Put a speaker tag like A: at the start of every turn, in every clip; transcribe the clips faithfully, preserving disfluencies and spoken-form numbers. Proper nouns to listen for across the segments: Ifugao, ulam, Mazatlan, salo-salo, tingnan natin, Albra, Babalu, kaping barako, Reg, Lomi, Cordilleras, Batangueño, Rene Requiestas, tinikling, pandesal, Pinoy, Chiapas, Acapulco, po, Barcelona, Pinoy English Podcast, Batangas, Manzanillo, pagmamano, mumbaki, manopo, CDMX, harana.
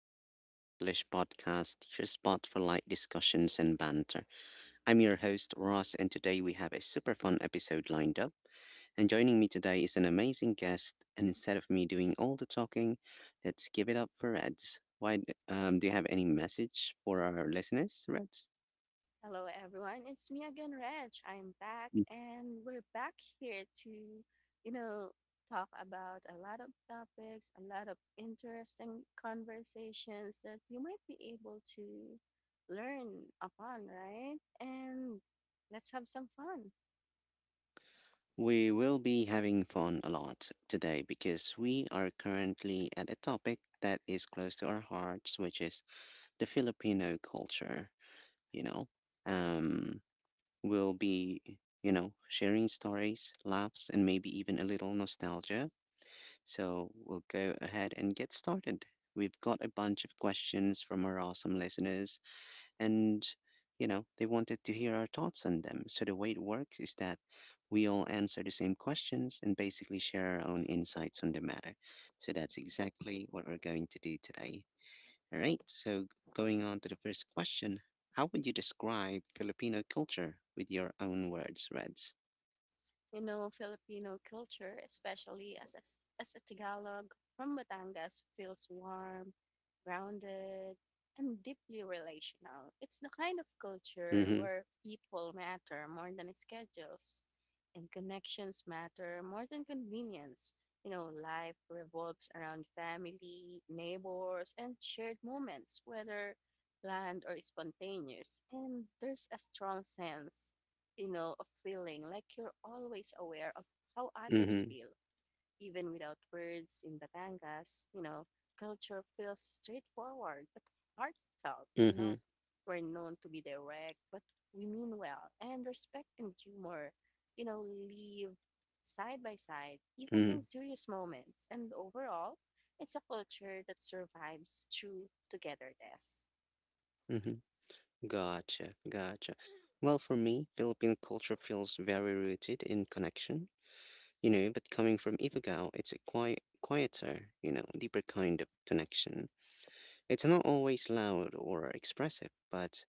A: to the Pinoy English Podcast, your spot for light discussions and banter. I'm your host, Ross, and today we have a super fun episode lined up. And joining me today is an amazing guest, and instead of me doing all the talking, let's give it up for Reds. Why, um, do you have any message for our listeners, Reds?
B: Hello, everyone. It's me again, Reg. I'm back, and we're back here to you know, talk about a lot of topics, a lot of interesting conversations that you might be able to learn upon, right? And let's have some fun.
A: We will be having fun a lot today because we are currently at a topic that is close to our hearts, which is the Filipino culture. You know, um, we'll be, you know, Sharing stories, laughs, and maybe even a little nostalgia, so we'll go ahead and get started. We've got a bunch of questions from our awesome listeners, and you know, they wanted to hear our thoughts on them. So the way it works is that we all answer the same questions and basically share our own insights on the matter. So that's exactly what we're going to do today. All right, so going on to the first question: how would you describe Filipino culture with your own words, Reds?
B: you know, Filipino culture, especially as as, as a Tagalog from Batangas, feels warm, grounded, and deeply relational. It's the kind of culture
A: Mm
B: where people matter more than schedules, and connections matter more than convenience. You know, life revolves around family, neighbors, and shared moments, whether planned or spontaneous. And there's a strong sense you know, of feeling like you're always aware of how
A: hmm, mm
B: others
A: hmm,
B: feel, even without words in Batangas. You know, culture feels straightforward but heartfelt,
A: mm
B: you
A: hmm,
B: know. We're known to be direct, but we mean well, and respect and humor you know, live side by side, even in
A: mm
B: serious moments. And overall, it's a culture that survives through togetherness.
A: hmm, Gotcha, gotcha. Well, for me, Philippine culture feels very rooted in connection, you know, but coming from Ifugao, it's a quiet, quieter, you know, deeper kind of connection. It's not always loud or expressive, but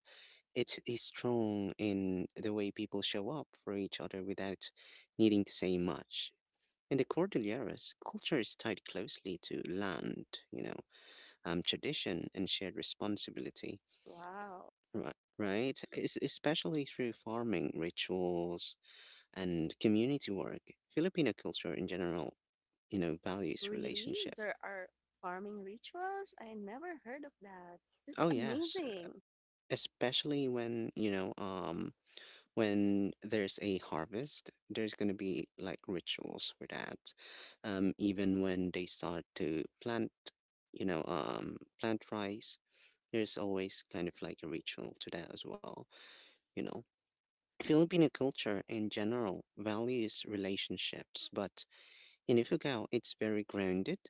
A: it is strong in the way people show up for each other without needing to say much. In the Cordilleras, culture is tied closely to land, you know, um, tradition, and shared responsibility.
B: Wow.
A: Right, right. Es- especially through farming rituals and community work, Filipino culture in general, you know, values
B: Really?
A: relationship.
B: There are farming rituals? I never heard of that. That's
A: Oh yes, uh,
B: amazing.
A: especially when you know, um, when there's a harvest, there's gonna be like rituals for that. Um, even when they start to plant, you know, um, plant rice, there's always kind of like a ritual to that as well. You know, Filipino culture in general values relationships, but in Ifugao, it's very grounded.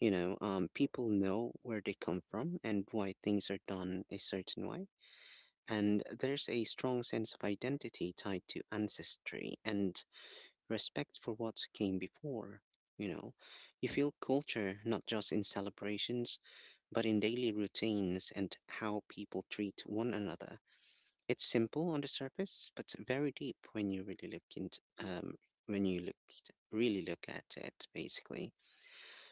A: You know, um, people know where they come from and why things are done a certain way. And there's a strong sense of identity tied to ancestry and respect for what came before. You know, you feel culture not just in celebrations, but in daily routines and how people treat one another. It's simple on the surface, but very deep when you really look into um, when you look really look at it, basically.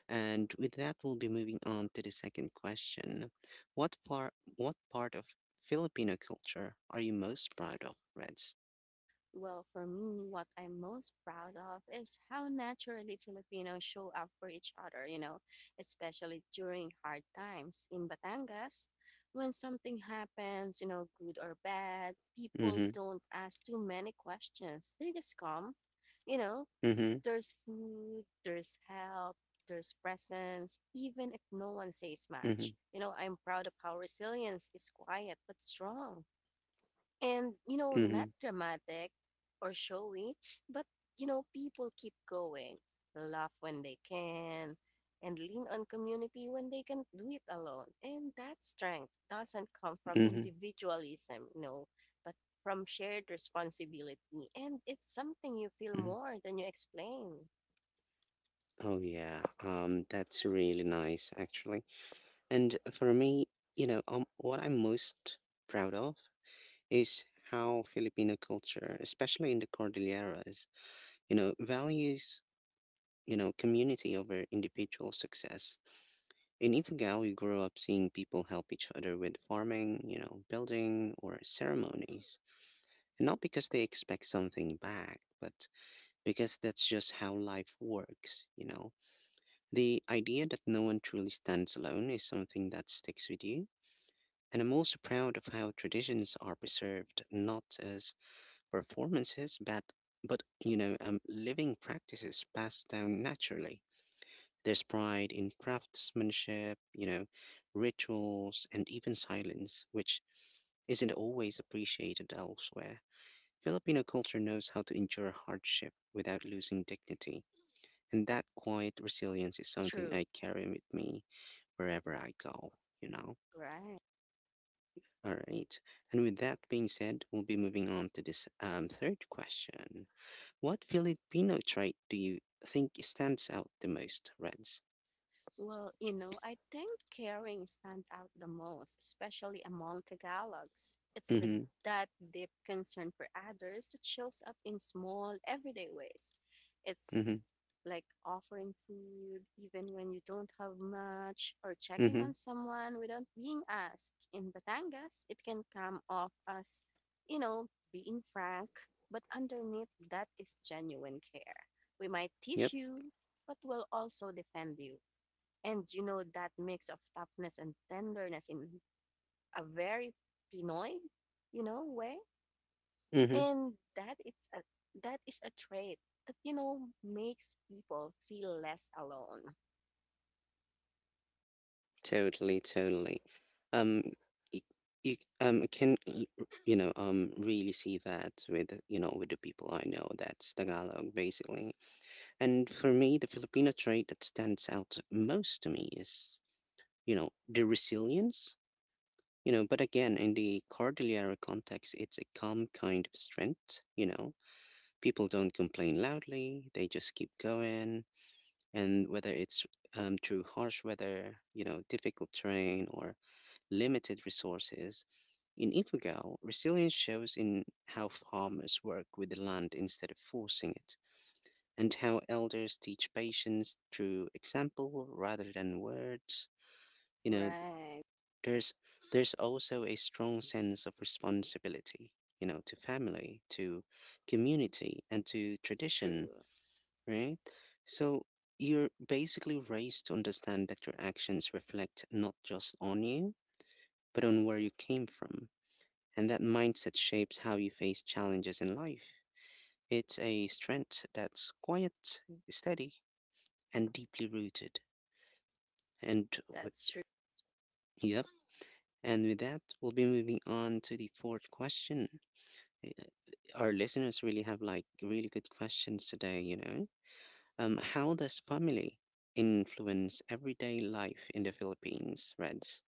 A: And with that, we'll be moving on to the second question: What part what part of Filipino culture are you most proud of, Reds?
B: Well, for me, what I'm most proud of is how naturally Filipinos show up for each other, you know, especially during hard times. In Batangas, when something happens, you know, good or bad, people
A: Mm-hmm.
B: don't ask too many questions. They just come, you know,
A: Mm-hmm.
B: There's food, there's help, there's presence, even if no one says
A: Mm-hmm.
B: much. You know, I'm proud of how resilience is quiet but strong. And you know,
A: Mm-hmm.
B: not dramatic or showy, but you know, people keep going, laugh when they can, and lean on community when they can do it alone. And that strength doesn't come from
A: Mm-hmm.
B: individualism, you know, but from shared responsibility. And it's something you feel
A: hmm
B: more than you explain.
A: Oh yeah. Um, that's really nice, actually. And for me, you know, um, what I'm most proud of is how Filipino culture, especially in the Cordilleras, you know, values, you know, community over individual success. In Ifugao, we grew up seeing people help each other with farming, you know, building or ceremonies. And not because they expect something back, but because that's just how life works, you know. The idea that no one truly stands alone is something that sticks with you. And I'm also proud of how traditions are preserved, not as performances, but but you know, um, living practices passed down naturally. There's pride in craftsmanship, you know, rituals, and even silence, which isn't always appreciated elsewhere. Filipino culture knows how to endure hardship without losing dignity, and that quiet resilience is something
B: True.
A: I carry with me wherever I go, you know?
B: Right.
A: All right. And with that being said, we'll be moving on to this um, third question. What Filipino trait do you think stands out the most, Reds?
B: Well, you know, I think caring stands out the most, especially among Tagalogs. It's the
A: Mm-hmm.
B: that deep concern for others that shows up in small, everyday ways. It's
A: Mm-hmm.
B: like offering food even when you don't have much, or checking
A: Mm-hmm.
B: on someone without being asked. In Batangas, it can come off as you know, being frank, but underneath that is genuine care. We might
A: Yep.
B: tease you, but will also defend you. And you know that mix of toughness and tenderness in a very Pinoy you know, way,
A: Mm-hmm.
B: and that it's a that is a trait that you know makes people feel less alone.
A: Totally, totally. Um, y- you um can l- r- you know um really see that with you know with the people I know that's Tagalog basically. And for me, the Filipino trait that stands out most to me is you know the resilience. You know, but again, in the Cordillera context, it's a calm kind of strength. You know, people don't complain loudly, they just keep going. And whether it's um, through harsh weather, you know, difficult terrain, or limited resources, in Ifugao, resilience shows in how farmers work with the land instead of forcing it, and how elders teach patience through example rather than words. You know,
B: Right.
A: there's there's also a strong sense of responsibility, you know, to family, to community, and to tradition,
B: True.
A: right? So you're basically raised to understand that your actions reflect not just on you, but on where you came from. And that mindset shapes how you face challenges in life. It's a strength that's quiet, steady, and deeply rooted. And
B: That's...
A: with, yep. And with that, we'll be moving on to the fourth question. Uh, Our listeners really have like really good questions today, you know? Um, how does family influence everyday life in the Philippines, Reds?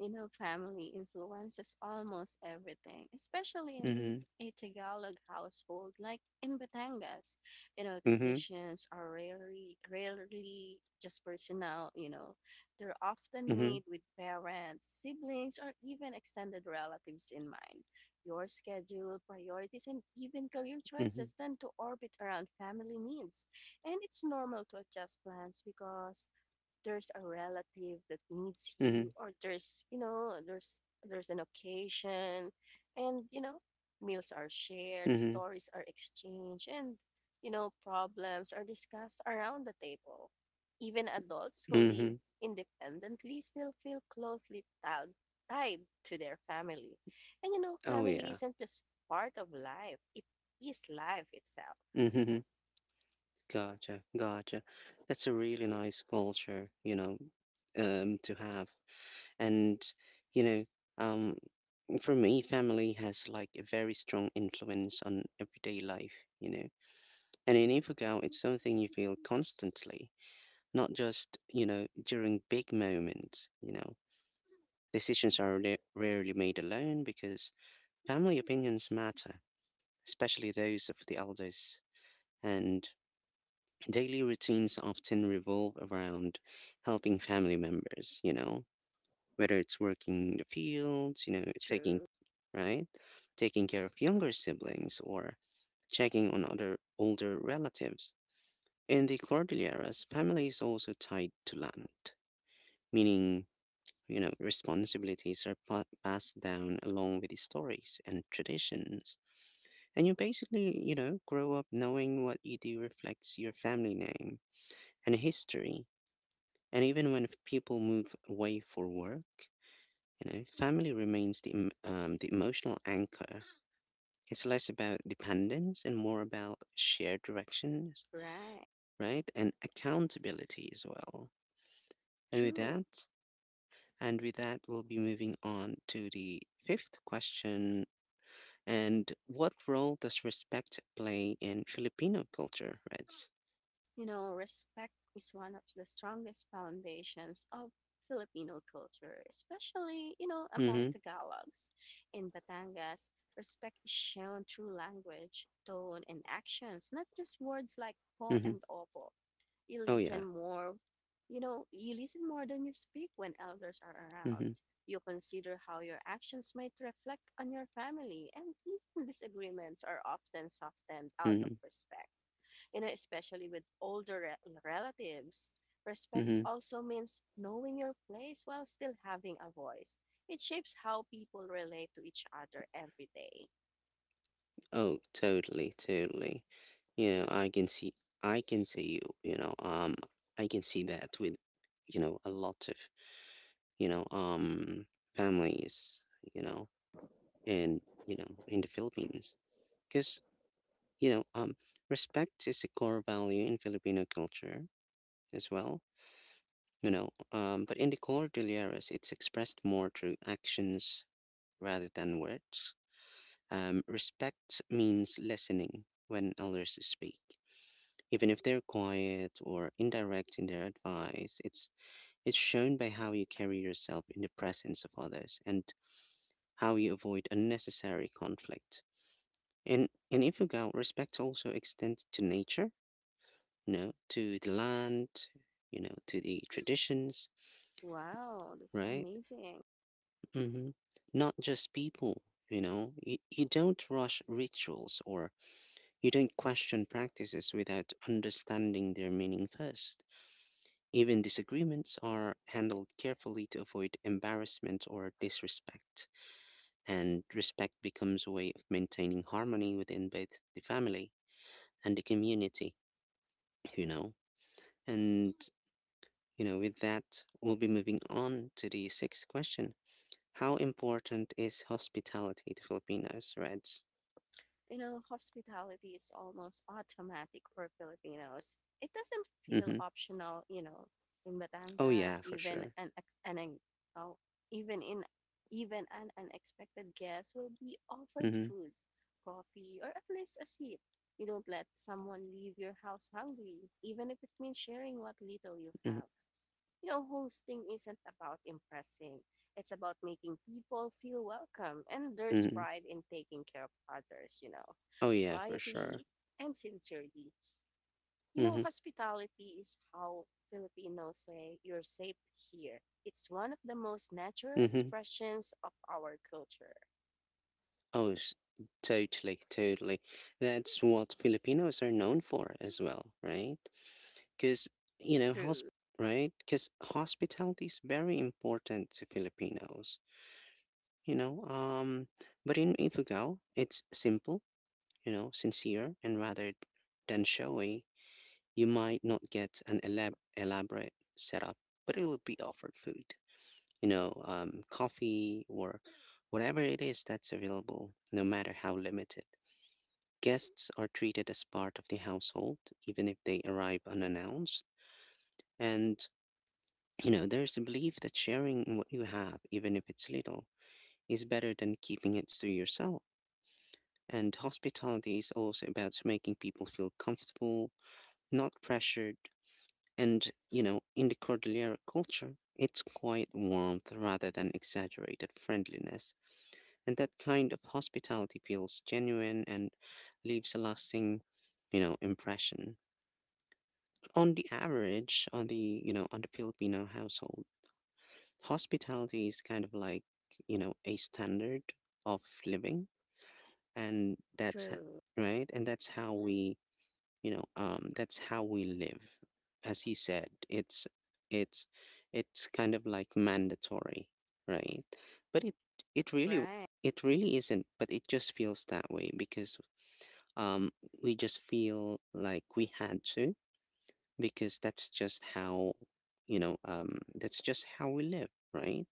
B: You know, family influences almost everything, especially in
A: Mm-hmm.
B: a Tagalog household like in Batangas. You know,
A: Mm-hmm.
B: decisions are rarely, rarely just personal, you know. They're often
A: Mm-hmm.
B: made with parents, siblings, or even extended relatives in mind. Your schedule, priorities, and even career
A: Mm-hmm.
B: choices tend to orbit around family needs. And it's normal to adjust plans because there's a relative that needs
A: Mm-hmm.
B: you, or there's you know there's there's an occasion. And you know meals are shared,
A: Mm-hmm.
B: stories are exchanged, and you know problems are discussed around the table. Even adults who
A: Mm-hmm.
B: live independently still feel closely tied tied to their family. And you know
A: Oh
B: family
A: yeah.
B: isn't just part of life, it is life itself.
A: Mm-hmm. Gotcha. Gotcha. That's a really nice culture, you know, um, to have. And, you know, um, for me, family has like a very strong influence on everyday life, you know. And in Ifugao, it's something you feel constantly, not just, you know, during big moments, you know. Decisions are ra- rarely made alone because family opinions matter, especially those of the elders, and daily routines often revolve around helping family members, you know, whether it's working in the fields, you know, taking,
B: True.
A: right, taking care of younger siblings or checking on other older relatives. In the Cordilleras, family is also tied to land, meaning you know, responsibilities are pa- passed down along with the stories and traditions. And you basically, you know, grow up knowing what you do reflects your family name and history. And even when f- people move away for work, you know, family remains the, em- um, the emotional anchor. It's less about dependence and more about shared directions,
B: Right.
A: right? And accountability as well. And with
B: True.
A: that, and with that, we'll be moving on to the fifth question. And what role does respect play in Filipino culture, Reds?
B: You know, respect is one of the strongest foundations of Filipino culture, especially you know, among
A: Mm-hmm.
B: Tagalogs. In Batangas, respect is shown through language, tone, and actions, not just words like po
A: Mm-hmm.
B: and opo. You
A: Oh yeah.
B: listen more, you know, you listen more than you speak when elders are
A: Mm-hmm.
B: around. You consider how your actions might reflect on your family, and even disagreements are often softened out of
A: Mm-hmm.
B: respect, you know, especially with older re- relatives. Respect
A: Mm-hmm.
B: also means knowing your place while still having a voice. It shapes how people relate to each other every day.
A: Oh, totally, totally. You know, I can see I can see you, you know, um I can see that with, you know, a lot of, you know, um families, you know, and you know, in the Philippines. Because, you know, um respect is a core value in Filipino culture as well, you know. Um, but in the Cordilleras, it's expressed more through actions rather than words. Um, respect means listening when elders speak. Even if they're quiet or indirect in their advice, it's it's shown by how you carry yourself in the presence of others and how you avoid unnecessary conflict. And in Ifugao, respect also extends to nature, you know, to the land, you know, to the traditions,
B: Wow, that's
A: right?
B: amazing.
A: hmm Not just people, you know. You, you don't rush rituals or you don't question practices without understanding their meaning first. Even disagreements are handled carefully to avoid embarrassment or disrespect, and respect becomes a way of maintaining harmony within both the family and the community, you know. And, you know, with that, we'll be moving on to the sixth question. How important is hospitality to Filipinos, Reds?
B: you know, hospitality is almost automatic for Filipinos. It doesn't feel
A: Mhm.
B: optional. You know, in
A: Oh, yeah,
B: Batangas,
A: for
B: even
A: sure.
B: an ex- an an- oh, even in even an unexpected guest will be offered
A: Mhm.
B: food, coffee, or at least a seat. You don't let someone leave your house hungry, even if it means sharing what little you
A: Mhm.
B: have. You know, hosting isn't about impressing. It's about making people feel welcome, and there's
A: Mhm.
B: pride in taking care of others, you know,
A: Oh, yeah, for sure.
B: quietly and sincerely. You know,
A: Mhm.
B: hospitality is how Filipinos say you're safe here. It's one of the most natural
A: Mhm.
B: expressions of our culture.
A: Oh, s- totally, totally. That's what Filipinos are known for as well, right? Because, you know, hosp
B: True.
A: right? Because hospitality is very important to Filipinos, you know. Um, but in Ifugao, it's simple, you know, sincere, and rather than showy, you might not get an elab elaborate setup, but it will be offered food, you know, um, coffee or whatever it is that's available, no matter how limited. Guests are treated as part of the household, even if they arrive unannounced. And, you know, there's a belief that sharing what you have, even if it's little, is better than keeping it to yourself. And hospitality is also about making people feel comfortable, not pressured. And, you know, in the Cordillera culture, it's quiet warmth rather than exaggerated friendliness. And that kind of hospitality feels genuine and leaves a lasting, you know, impression. On the average, on the, you know, on the Filipino household, hospitality is kind of like, you know, a standard of living. And that's h-
B: True.
A: right. And that's how we you know um that's how we live, as he said, it's it's it's kind of like mandatory, right? But it it really
B: Right.
A: it really isn't, but it just feels that way because um we just feel like we had to, because that's just how, you know um that's just how we live, right.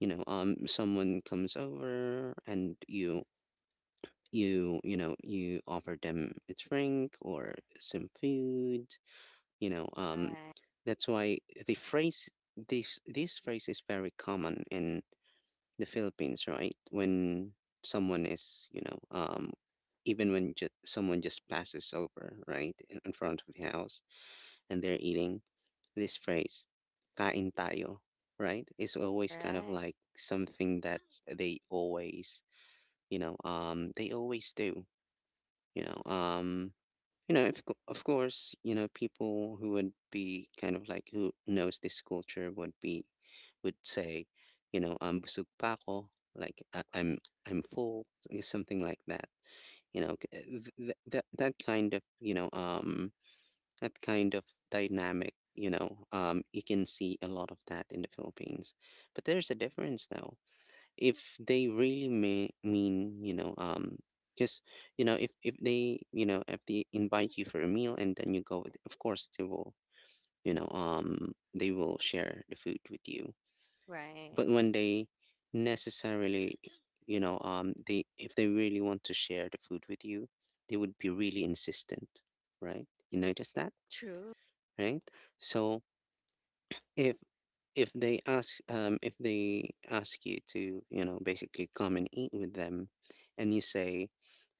A: you know um Someone comes over and you you you know you offer them a drink or some food, you know. Um
B: Right.
A: that's why the phrase, this this phrase, is very common in the Philippines, right, when someone is, you know um even when ju- someone just passes over, right, in, in front of the house, and they're eating, this phrase, kain tayo, right, is always kind of
B: Right.
A: like something that they always, you know um they always do, you know um you know, if, of, cou- of course, you know, people who would be kind of like who knows this culture would be, would say, you know, um, busog pa ako, like I, I'm I'm full, eh, something like that. You know, c- eh, th- th- that that kind of, you know um that kind of dynamic. You know, um, you can see a lot of that in the Philippines, but there's a difference though, if they really may mean, you know um because, you know, if if they, you know, if they invite you for a meal and then you go with, of course they will, you know um they will share the food with you. But
B: Right.
A: when they necessarily, you know um they, if they really want to share the food with you, they would be really insistent, right, you notice that,
B: True.
A: right? So if if they ask, um if they ask you to, you know, basically come and eat with them, and you say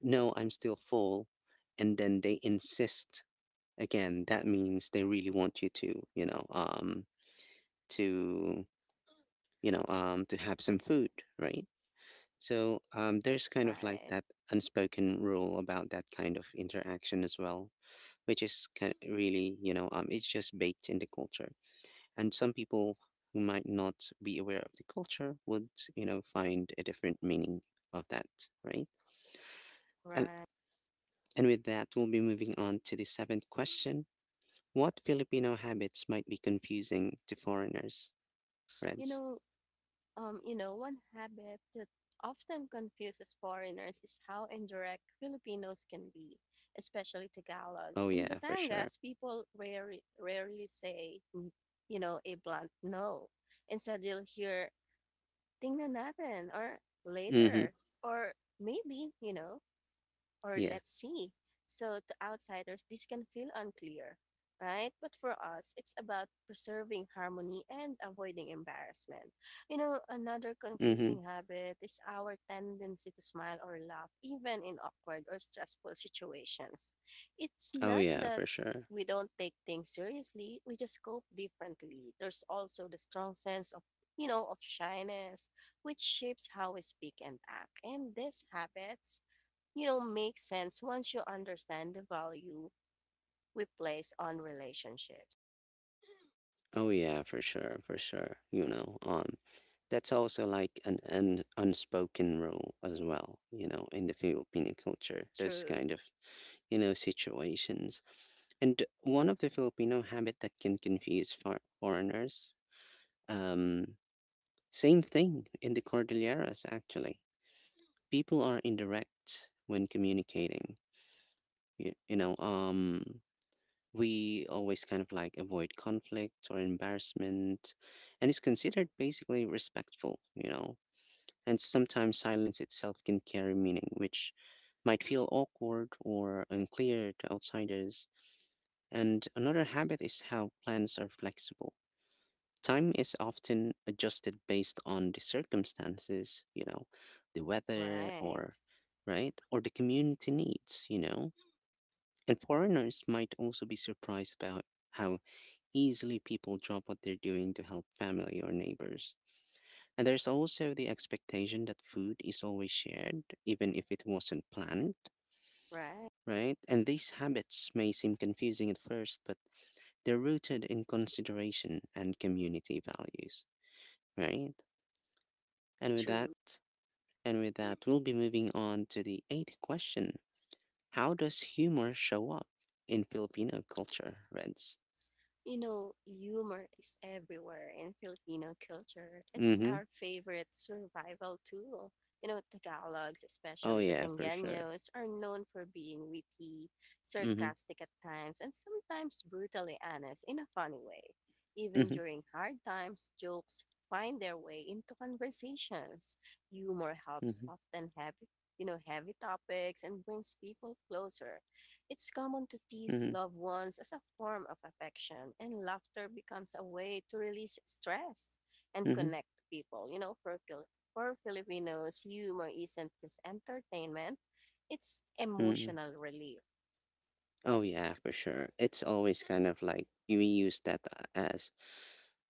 A: no, I'm still full, and then they insist again, that means they really want you to, you know um to, you know um to have some food, right. So, um there's kind of like
B: Right.
A: that unspoken rule about that kind of interaction as well, which is kind of really, you know um it's just baked in the culture. And some people who might not be aware of the culture would, you know, find a different meaning of that, right. and,
B: Right.
A: and with that, we'll be moving on to the seventh question: what Filipino habits might be confusing to foreigners,
B: You
A: Reds?
B: know, Um, you know, one habit that often confuses foreigners is how indirect Filipinos can be, especially
A: Oh
B: Tagalogs. In
A: yeah, for sure.
B: Batangas, people rarely, rarely say, mm, you know, a blunt no. Instead, you'll hear, tingnan natin, or
A: Mm-hmm.
B: later, or maybe, you know or
A: Yeah.
B: let's see. So to outsiders, this can feel unclear, right? But for us, it's about preserving harmony and avoiding embarrassment. You know, another
A: Mm-hmm.
B: confusing habit is our tendency to smile or laugh, even in awkward or stressful situations. It's
A: Oh
B: not
A: yeah,
B: that
A: for sure.
B: we don't take things seriously, we just cope differently. There's also the strong sense of you know, of shyness, which shapes how we speak and act. And these habits, you know, makes sense once you understand the value we place on relationships.
A: Oh yeah, for sure, for sure. You know um that's also like an, an unspoken rule as well, you know, in the Filipino culture, those
B: True.
A: kind of, you know, situations. And one of the Filipino habit that can confuse for foreigners, um, same thing in the Cordilleras, actually. People are indirect when communicating. You, you know, um, we always kind of like avoid conflict or embarrassment, and it's considered basically respectful. You know, and sometimes silence itself can carry meaning, which might feel awkward or unclear to outsiders. And another habit is how plans are flexible. Time is often adjusted based on the circumstances, you know, the weather,
B: Right.
A: or right, or the community needs, you know. And foreigners might also be surprised about how easily people drop what they're doing to help family or neighbors. And there's also the expectation that food is always shared, even if it wasn't planned,
B: Right.
A: right? And these habits may seem confusing at first, but they're rooted in consideration and community values, right? And with that,
B: True.
A: and with that, we'll be moving on to the eighth question. How does humor show up in Filipino culture, Reds?
B: You know, humor is everywhere in Filipino culture. It's
A: Mm-hmm.
B: our favorite survival tool. You know, Tagalogs,
A: Oh
B: especially
A: yeah, for sure.
B: Batangueños, are known for being witty,
A: Mm-hmm.
B: sarcastic at times, and sometimes brutally honest in a funny way. Even
A: Mm-hmm.
B: during hard times, jokes find their way into conversations. Humor helps
A: Mm-hmm.
B: soften heavy, you know, heavy topics and brings people closer. It's common to tease
A: Mm-hmm.
B: loved ones as a form of affection, and laughter becomes a way to release stress and
A: Mm-hmm.
B: connect people. You know, for, Fil- for Filipinos, humor isn't just entertainment, it's
A: Mm-hmm.
B: emotional relief.
A: Oh yeah, for sure. It's always kind of like we use that as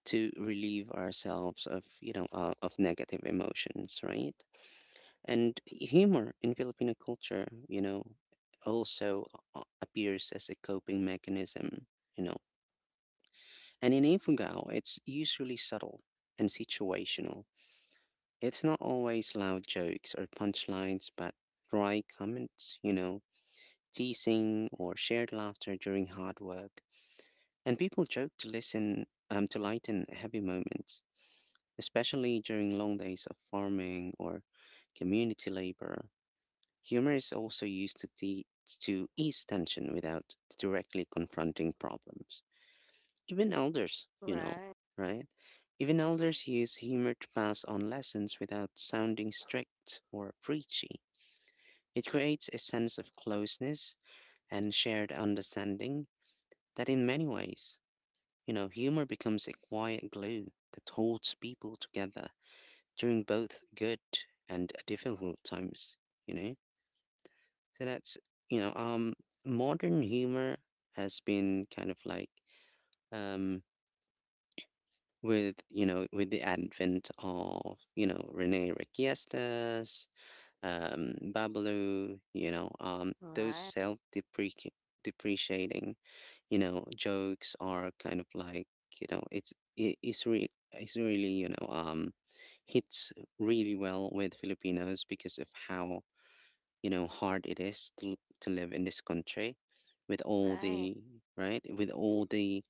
A: to relieve ourselves of, you know uh, of negative emotions, right? And humor in Filipino culture, you know, also a- appears as a coping mechanism, you know. And in Ifugao, it's usually subtle and situational. It's not always loud jokes or punchlines, but dry comments, you know, teasing, or shared laughter during hard work. And people joke to listen, um, to lighten heavy moments, especially during long days of farming or community labor. Humor is also used to, te- to ease tension without directly confronting problems. Even elders, you know,
B: Right.
A: right? Even elders use humor to pass on lessons without sounding strict or preachy. It creates a sense of closeness and shared understanding, that, in many ways, you know, humor becomes a quiet glue that holds people together during both good and difficult times, you know? So that's, you know, um, modern humor has been kind of like, um, with, you know, with the advent of, you know, Rene Requiestas, um, Babalu, you know, um, those
B: Right.
A: self depreciating, you know, jokes are kind of like, you know, it's, it, it's re it's really, you know, um, hits really well with Filipinos because of how, you know, hard it is to to live in this country, with all
B: Right.
A: the, right, with all the,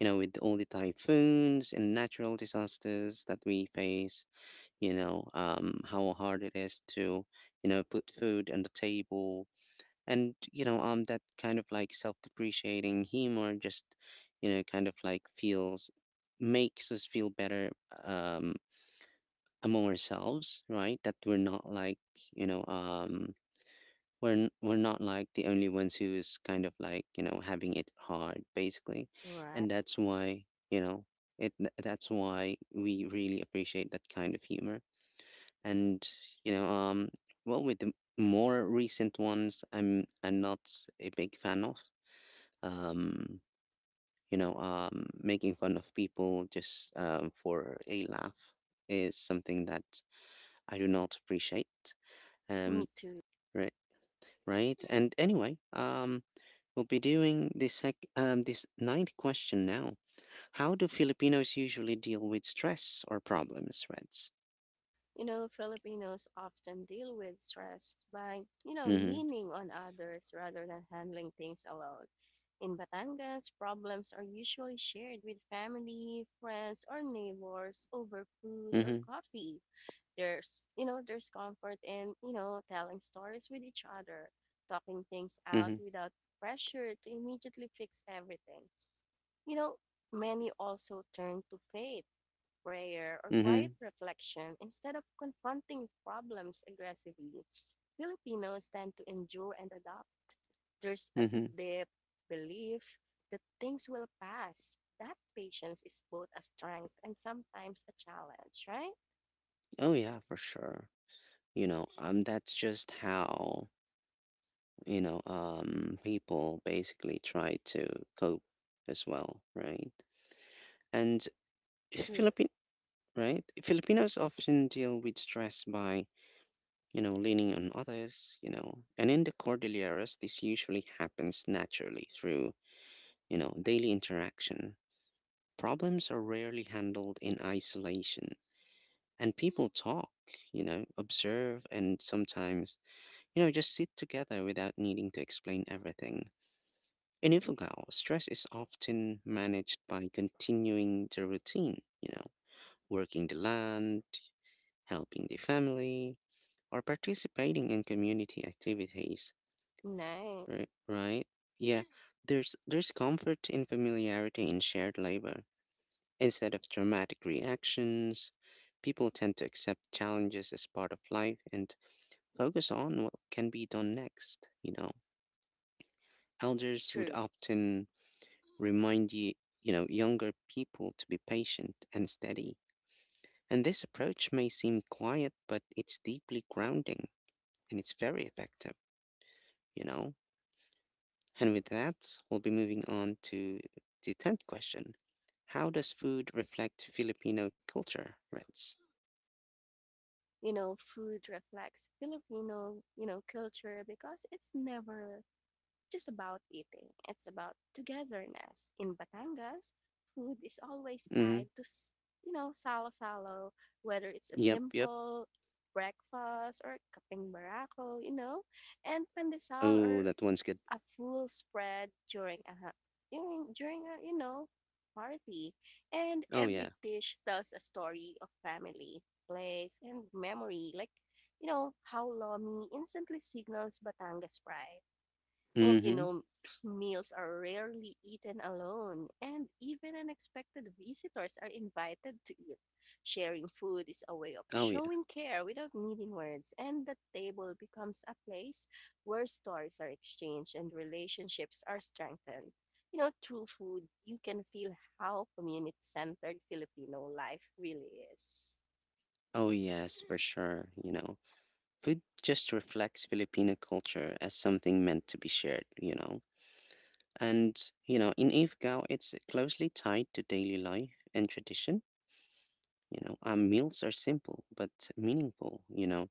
A: you know, with all the typhoons and natural disasters that we face, you know um how hard it is to, you know, put food on the table, and, you know um that kind of like self-depreciating humor just, you know, kind of like feels, makes us feel better, um among ourselves, right, that we're not like, you know um we're n- we're not like the only ones who's kind of like, you know, having it hard, basically.
B: Right.
A: And that's why, you know, it th- that's why we really appreciate that kind of humor. And, you know um well, with the more recent ones, i'm I'm not a big fan of, um you know um making fun of people just um for a laugh, is something that I do not appreciate,
B: Me
A: um
B: too.
A: right. Right, and anyway, um we'll be doing this sec um, this ninth question now. How do Filipinos usually deal with stress or problems, Reds?
B: You know, Filipinos often deal with stress by you know,
A: Mm-hmm.
B: leaning on others rather than handling things alone. In Batangas, problems are usually shared with family, friends, or neighbors over food or
A: Mm-hmm.
B: coffee. There's, you know, there's comfort in you know, telling stories with each other, talking things out
A: Mm-hmm.
B: without pressure to immediately fix everything. You know, many also turn to faith, prayer, or quiet
A: Mm-hmm.
B: reflection instead of confronting problems aggressively. Filipinos tend to endure and adopt. There's a
A: Mm-hmm.
B: deep belief that things will pass, that patience is both a strength and sometimes a challenge, right?
A: Oh yeah, for sure. You know, um, that's just how, you know um people basically try to cope as well, right? And
B: True.
A: Philippine, right, Filipinos often deal with stress by, you know, leaning on others, you know. And in the Cordilleras, this usually happens naturally through, you know, daily interaction. Problems are rarely handled in isolation, and people talk, you know, observe, and sometimes, you know, just sit together without needing to explain everything. In Ifugao, stress is often managed by continuing the routine, you know, working the land, helping the family, or participating in community activities.
B: Nice.
A: Right, right. Yeah. Yeah, there's there's comfort in familiarity, in shared labor. Instead of dramatic reactions, people tend to accept challenges as part of life and focus on what can be done next, you know. Elders would
B: True.
A: often remind you, you know, younger people to be patient and steady. And this approach may seem quiet, but it's deeply grounding, and it's very effective, you know. And with that, we'll be moving on to the tenth question. How does food reflect Filipino culture, Reds?
B: You know, food reflects Filipino you know, culture, because it's never just about eating, it's about togetherness. In Batangas, food is always
A: Mm-hmm.
B: tied to you know, salo-salo, whether it's a
A: Yep, yep.
B: simple breakfast or kaping barako, you know, and pandesal,
A: Oh,
B: or
A: that one's good.
B: a full spread during a during, during a, you know, party. And
A: Oh, yeah.
B: every dish tells a story of family, place, and memory. Like, you know, how Lomi instantly signals Batangas pride. And you
A: Mm-hmm.
B: know, meals are rarely eaten alone, and even unexpected visitors are invited to eat. Sharing food is a way of
A: Oh, yeah.
B: showing care without needing words, and the table becomes a place where stories are exchanged and relationships are strengthened. You know, through food, you can feel how community centered Filipino life really is.
A: Oh, yes, for sure. You know, food just reflects Filipino culture as something meant to be shared, you know. And, you know, in Ifgao, it's closely tied to daily life and tradition. You know, our meals are simple but meaningful, you know,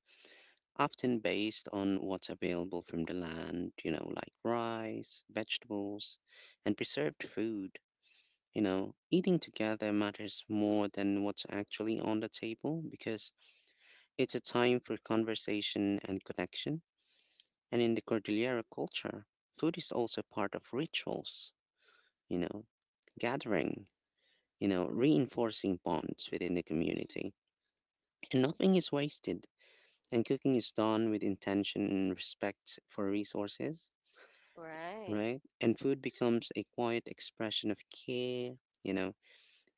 A: often based on what's available from the land, you know, like rice, vegetables, and preserved food. You know, eating together matters more than what's actually on the table, because it's a time for conversation and connection. And in the Cordillera culture, food is also part of rituals, you know, gathering, you know, reinforcing bonds within the community. And nothing is wasted, and cooking is done with intention and respect for resources,
B: Right.
A: right? And food becomes a quiet expression of care, you know,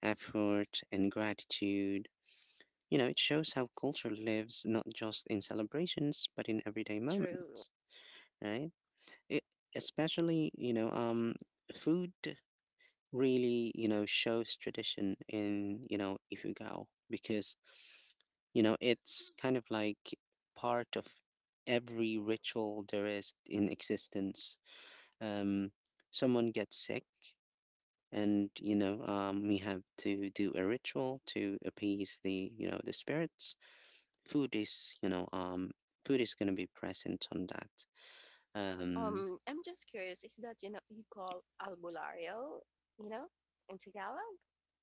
A: effort, and gratitude. You know, it shows how culture lives not just in celebrations, but in everyday
B: True.
A: moments, right? It, especially, you know, um, food really, you know, shows tradition in, you know, Ifugao, because, you know, it's kind of like part of every ritual there is in existence. Um, someone gets sick, and, you know um, we have to do a ritual to appease, the, you know, the spirits. Food is, you know um food is going to be present on that, um
B: Um, I'm just curious, is that, you know, you call albulario, you know, in Tagalog?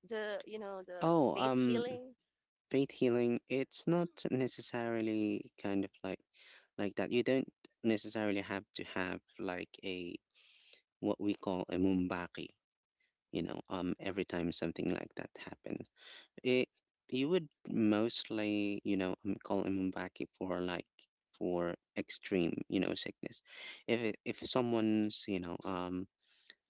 B: The, you know, the
A: oh,
B: faith
A: um
B: healing?
A: faith healing, it's not necessarily kind of like like that. You don't necessarily have to have like a, what we call a mumbaki, you know, um every time something like that happens. It, you would mostly, you know, um, call him Mbaki for like, for extreme, you know, sickness. If it, if someone's, you know, um,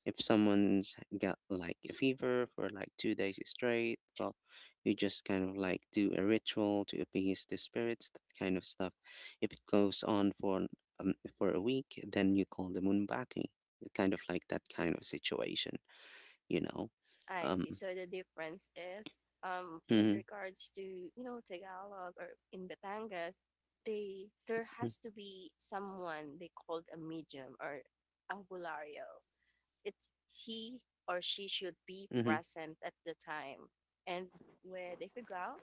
A: if someone's got like a fever for like two days straight, well, you just kind of like do a ritual to appease the spirits, that kind of stuff. If it goes on for, um, for a week, then you call them Mbaki. Kind of like that kind of situation, you know.
B: I
A: Um.
B: see. So the difference is, um, with
A: Mm-hmm.
B: regards to, you know, Tagalog or in Batangas, they, there has to be someone they called a medium or albulario. It's he or she should be
A: Mm-hmm. Mm-hmm.
B: present at the time. And with Ifugao,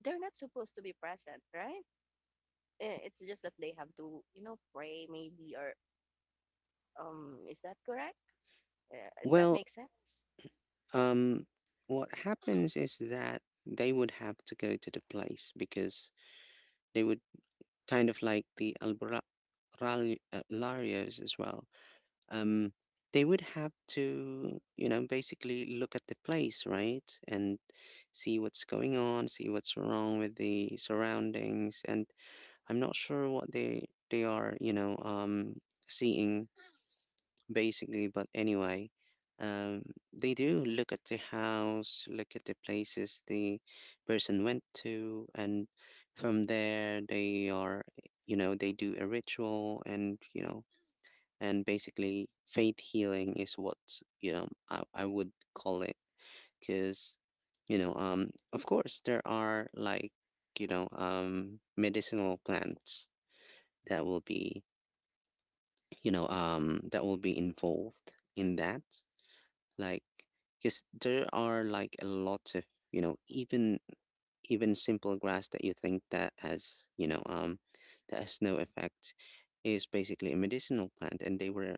B: they're not supposed to be present, right? Eh, it's just that they have to you know pray maybe, or um is that correct? Uh, does that
A: Well,
B: make sense?
A: Um, what happens is that they would have to go to the place, because they would kind of like the Albra, uh, as well. Um, they would have to, you know, basically look at the place, right? And see what's going on, see what's wrong with the surroundings. And I'm not sure what they they are, you know, um, seeing, basically. But anyway, um, they do look at the house, look at the places the person went to, and from there, they are, you know, they do a ritual, and you know, and basically faith healing is what you know I, I would call it, because, you know, um, of course there are like you know um medicinal plants that will be you know um that will be involved in that, like, because there are like a lot of, you know even even simple grass that you think that has, you know um that has no effect, is basically a medicinal plant. And they were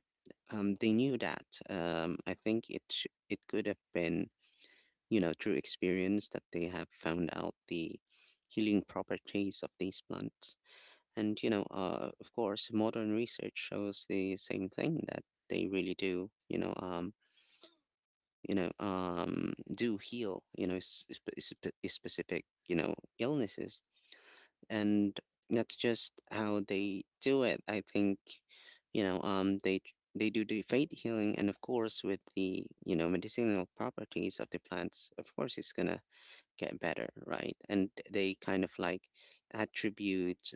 A: um they knew that. um I think it sh- it could have been, you know through experience, that they have found out the healing properties of these plants. And, you know uh of course, modern research shows the same thing, that they really do you know um you know um do heal, you know s- sp- sp- specific, you know illnesses. And that's just how they do it, I think. You know um they they do the faith healing, and of course with the, you know medicinal properties of the plants, of course it's gonna get better, right? And they kind of like attribute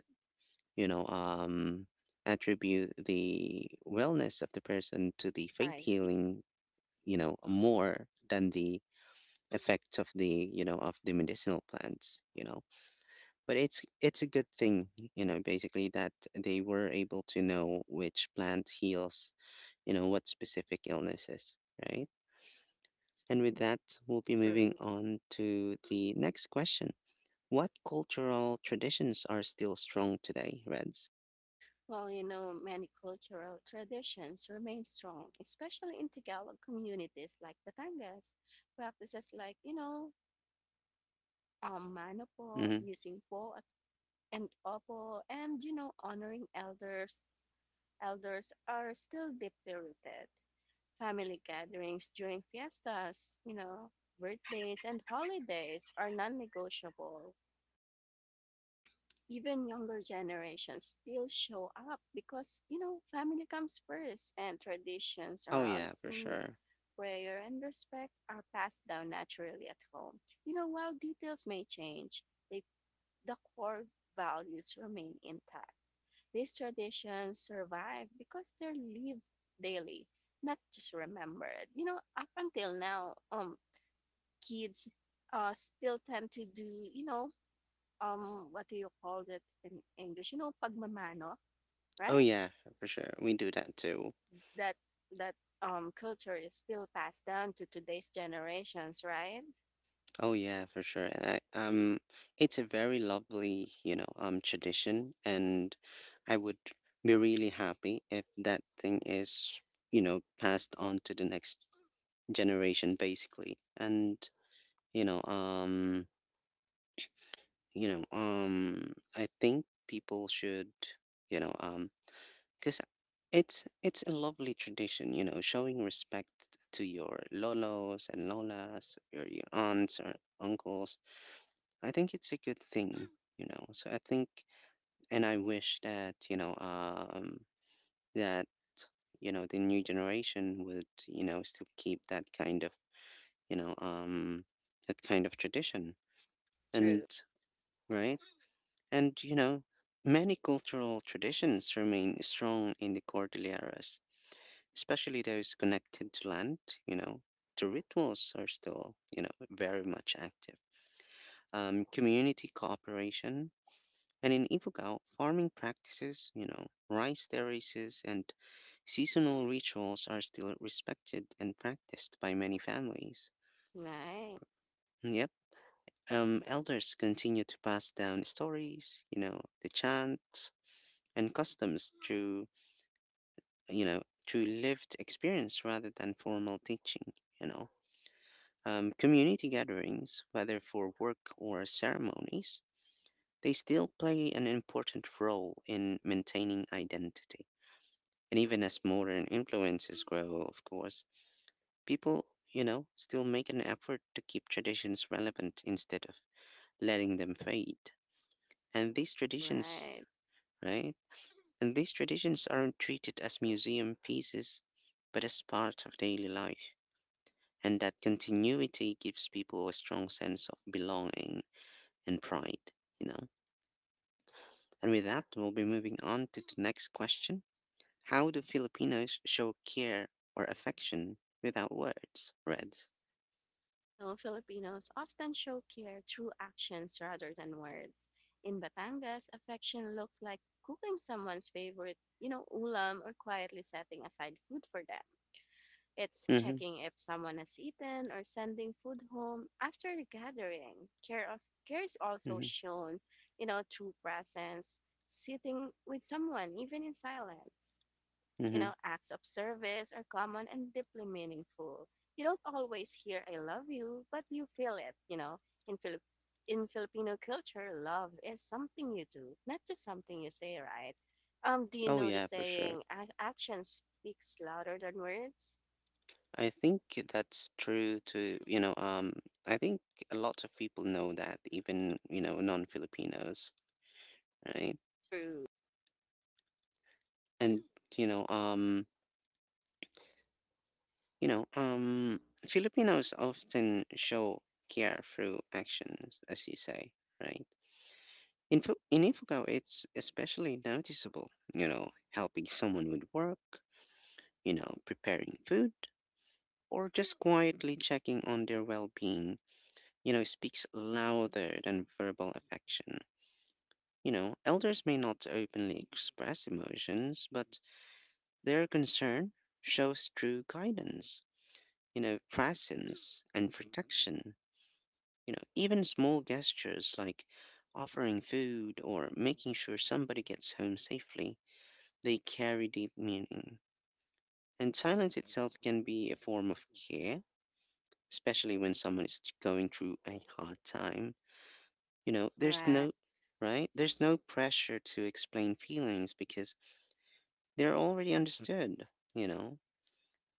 A: you know um attribute the wellness of the person to the faith
B: I see.
A: healing, you know more than the effects of the, you know of the medicinal plants, you know but it's it's a good thing, you know basically, that they were able to know which plant heals, you know what specific illnesses, right? And with that, we'll be moving
B: True.
A: on to the next question. What cultural traditions are still strong today, Reds?
B: Well, you know many cultural traditions remain strong, especially in Tagalog communities like Batangas. Practices like you know um manopo,
A: Hmm.
B: using po at- and opo, and you know honoring elders elders are still deeply rooted. Family gatherings during fiestas, you know, birthdays, and holidays are non negotiable. Even younger generations still show up because, you know, family comes first, and traditions
A: Oh
B: around
A: yeah, for
B: food,
A: sure.
B: prayer, and respect are passed down naturally at home. You know, while details may change, they the core values remain intact. These traditions survive because they're lived daily, not just remembered. You know, up until now, um, kids uh, still tend to do, you know, um, what do you call it in English? You know, pagmamano,
A: Oh
B: right?
A: yeah, for sure, we do that too.
B: That that um culture is still passed down to today's generations, right?
A: Oh yeah, for sure. And I, um, it's a very lovely, you know, um, tradition, and I would be really happy if that thing is, you know, passed on to the next generation, basically. And, you know, um, you know, um, I think people should, you know, um, because it's it's a lovely tradition, you know, showing respect to your lolos and lolas, your your aunts or uncles. I think it's a good thing, you know. So I think, and I wish that, you know, um, that you know, the new generation would, you know still keep that kind of you know, um, that kind of tradition, and
B: True.
A: right, and, you know, many cultural traditions remain strong in the Cordilleras, especially those connected to land. You know, the rituals are still, you know very much active. Um, community cooperation. And in Ifugao, farming practices, you know, rice terraces and seasonal rituals are still respected and practiced by many families.
B: Right.
A: Yep. Um, elders continue to pass down stories, you know, the chants and customs through, you know, through lived experience rather than formal teaching, you know. Um, community gatherings, whether for work or ceremonies, they still play an important role in maintaining identity. And even as modern influences grow, of course, people, you know, still make an effort to keep traditions relevant instead of letting them fade. And these traditions,
B: Right.
A: right? And these traditions aren't treated as museum pieces, but as part of daily life. And that continuity gives people a strong sense of belonging and pride, you know? And with that, we'll be moving on to the next question. How do Filipinos show care or affection without words, Reds?
B: You know, Filipinos often show care through actions rather than words. In Batangas, affection looks like cooking someone's favorite, you know, ulam, or quietly setting aside food for them. It's
A: Mhm,
B: checking if someone has eaten or sending food home after the gathering. Care, als- care is also
A: mhm,
B: shown, you know, through presence, sitting with someone, even in silence. You
A: mhm.
B: know, acts of service are common and deeply meaningful. You don't always hear "I love you," but you feel it. You know, in Philip in Filipino culture, love is something you do, not just something you say, right? Um, do you
A: Oh
B: know the
A: yeah, for sure.
B: saying "Ac- "Action speaks louder than words"?
A: I think that's true to, you know, um, I think a lot of people know that, even, you know, non-Filipinos, right?
B: True.
A: And, you know, um, you know, um, Filipinos often show care through actions, as you say, right? In Fu in Ifugao, it's especially noticeable, you know, helping someone with work, you know, preparing food, or just quietly checking on their well-being, you know, speaks louder than verbal affection. You know, elders may not openly express emotions, but their concern shows through guidance, you know, presence and protection. You know, even small gestures like offering food or making sure somebody gets home safely, they carry deep meaning. And silence itself can be a form of care, especially when someone is going through a hard time. You know, there's
B: Right.
A: no, right? There's no pressure to explain feelings because they're already understood, you know.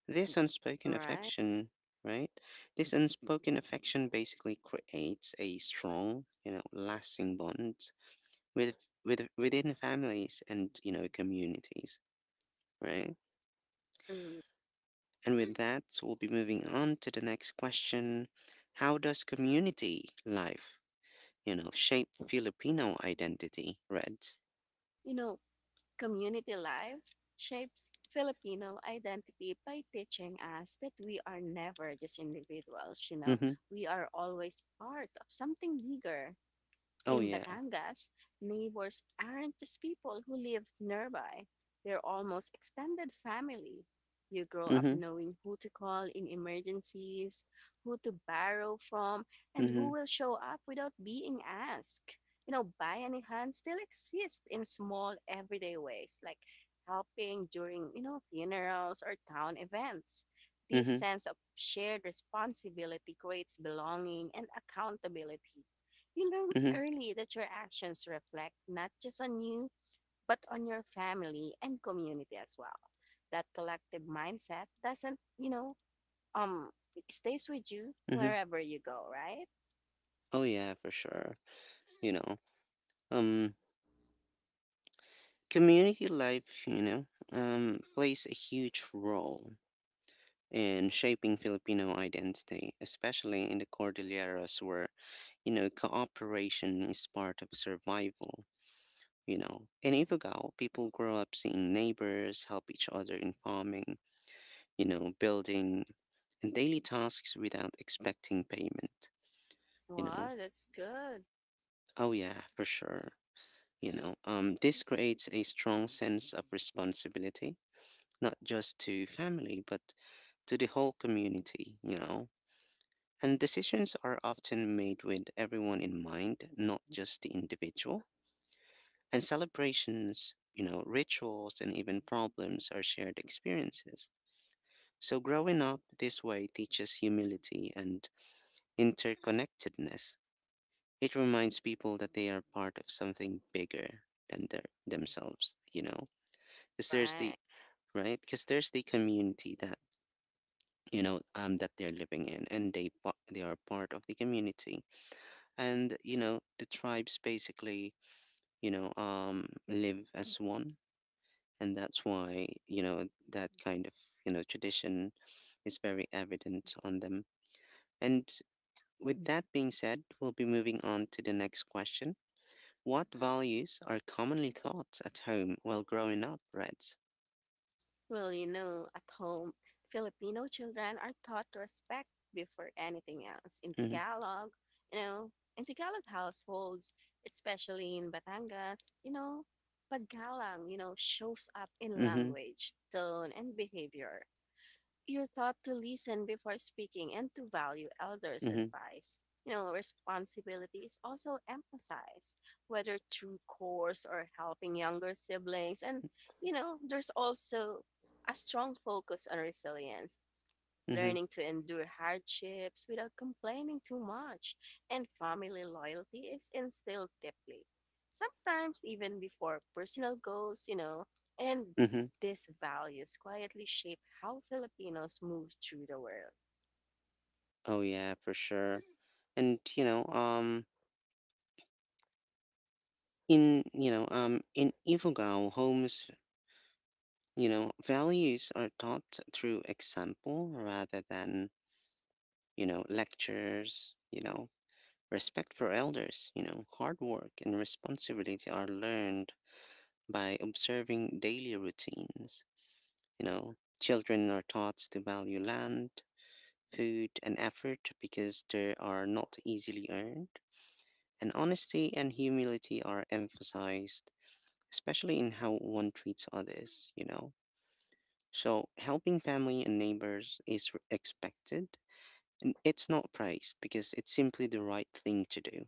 A: This unspoken
B: Right.
A: affection, right? This unspoken affection basically creates a strong, you know, lasting bond with with within families and, you know, communities, right?
B: True.
A: And with that, we'll be moving on to the next question. How does community life, you know, shape Filipino identity, Reds?
B: You know, Community life shapes Filipino identity by teaching us that we are never just individuals, you know,
A: Mm-hmm.
B: we are always part of something bigger.
A: Oh
B: In
A: yeah.
B: Batangas, neighbors aren't just people who live nearby, they're almost extended family. You grow up
A: Mhm,
B: knowing who to call in emergencies, who to borrow from, and who
A: mhm,
B: will show up without being asked. You know, Bayanihan still exists in small everyday ways, like helping during, you know, funerals or town events. This
A: mhm,
B: sense of shared responsibility creates belonging and accountability. You learn
A: mhm,
B: early that your actions reflect not just on you, but on your family and community as well. That collective mindset doesn't, you know, um, it stays with you
A: mhm.
B: wherever you go, right?
A: Oh yeah, for sure. You know, um, community life, you know, um, plays a huge role in shaping Filipino identity, especially in the Cordilleras, where, you know cooperation is part of survival. You know, in Ifugao, people grow up seeing neighbors help each other in farming, you know, building, and daily tasks without expecting payment. You know,
B: Wow, that's good.
A: oh yeah, for sure. You know, um, this creates a strong sense of responsibility, not just to family, but to the whole community, you know. And decisions are often made with everyone in mind, not just the individual. And celebrations, you know, rituals, and even problems are shared experiences. So growing up this way teaches humility and interconnectedness. It reminds people that they are part of something bigger than their, themselves, you know because there's the,
B: Right.
A: right? Because there's the community that, you know um that they're living in, and they pa- they are part of the community, and, you know the tribes basically, you know um live as one, and that's why, you know that kind of, you know tradition is very evident on them. And with that being said, we'll be moving on to the next question. What values are commonly taught at home while growing up, Reds?
B: Well, you know, at home, Filipino children are taught to respect before anything else. In
A: Mm-hmm.
B: Tagalog, you know, in Tagalog households, especially in Batangas, you know, paggalang, you know, shows up in
A: Mm-hmm.
B: language, tone, and behavior. You're taught to listen before speaking and to value elders'
A: Mm-hmm.
B: advice. You know, responsibility is also emphasized, whether through course or helping younger siblings. And, you know, there's also a strong focus on resilience,
A: Mm-hmm.
B: learning to endure hardships without complaining too much, and family loyalty is instilled deeply, sometimes even before personal goals, you know, and
A: Mm-hmm.
B: these values quietly shape how Filipinos move through the world.
A: Oh yeah, for sure. And you know um in you know um in Ifugao, homes, you know values are taught through example rather than, you know lectures, you know respect for elders, you know hard work and responsibility are learned by observing daily routines, you know children are taught to value land, food and effort because they are not easily earned. And honesty and humility are emphasized, especially in how one treats others, you know. So helping family and neighbors is r- expected, and it's not praised because it's simply the right thing to do.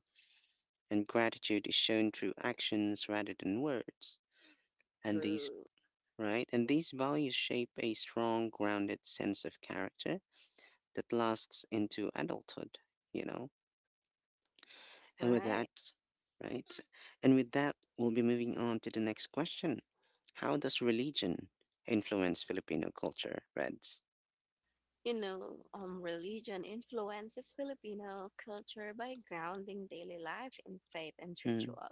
A: And gratitude is shown through actions rather than words. And these,
B: True.
A: right? And these values shape a strong, grounded sense of character that lasts into adulthood, you know. And with that,
B: Right.
A: right? And with that, we'll be moving on to the next question. How does religion influence Filipino culture, Reds?
B: You know, um, religion influences Filipino culture by grounding daily life in faith and
A: Mm,
B: ritual.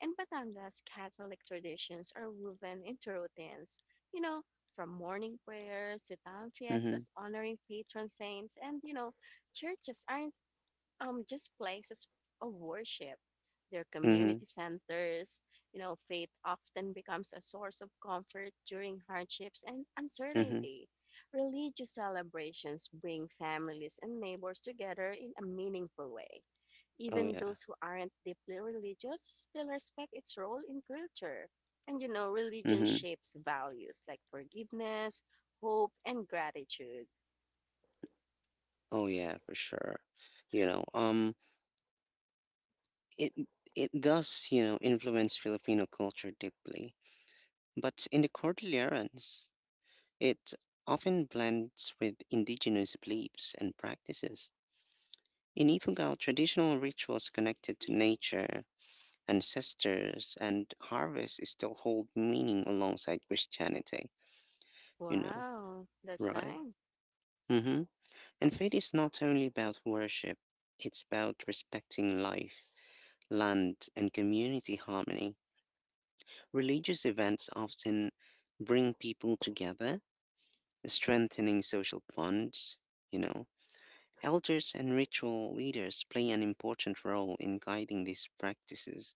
B: In Batangas, Catholic traditions are woven into routines, you know, from morning prayers to town
A: mm-hmm,
B: fiestas honoring patron saints, and, you know, churches aren't um just places of worship, their
A: mm-hmm,
B: community centers. You know, faith often becomes a source of comfort during hardships and
A: mm-hmm.
B: uncertainty. Religious celebrations bring families and neighbors together in a meaningful way.
A: Oh
B: Even
A: yeah.
B: those who aren't deeply religious still respect its role in culture, and you know, religion
A: Mm-hmm.
B: shapes values like forgiveness, hope, and gratitude.
A: Oh yeah, for sure. You know, um, it it does, you know, influence Filipino culture deeply. But in the Cordillerans, it often blends with indigenous beliefs and practices. In Ifugao, traditional rituals connected to nature, ancestors, and harvest still hold meaning alongside Christianity, you know,
B: Wow, that's
A: right?
B: nice.
A: Mm-hmm. And faith is not only about worship, it's about respecting life, land, and community harmony. Religious events often bring people together, strengthening social bonds, you know. Elders and ritual leaders play an important role in guiding these practices.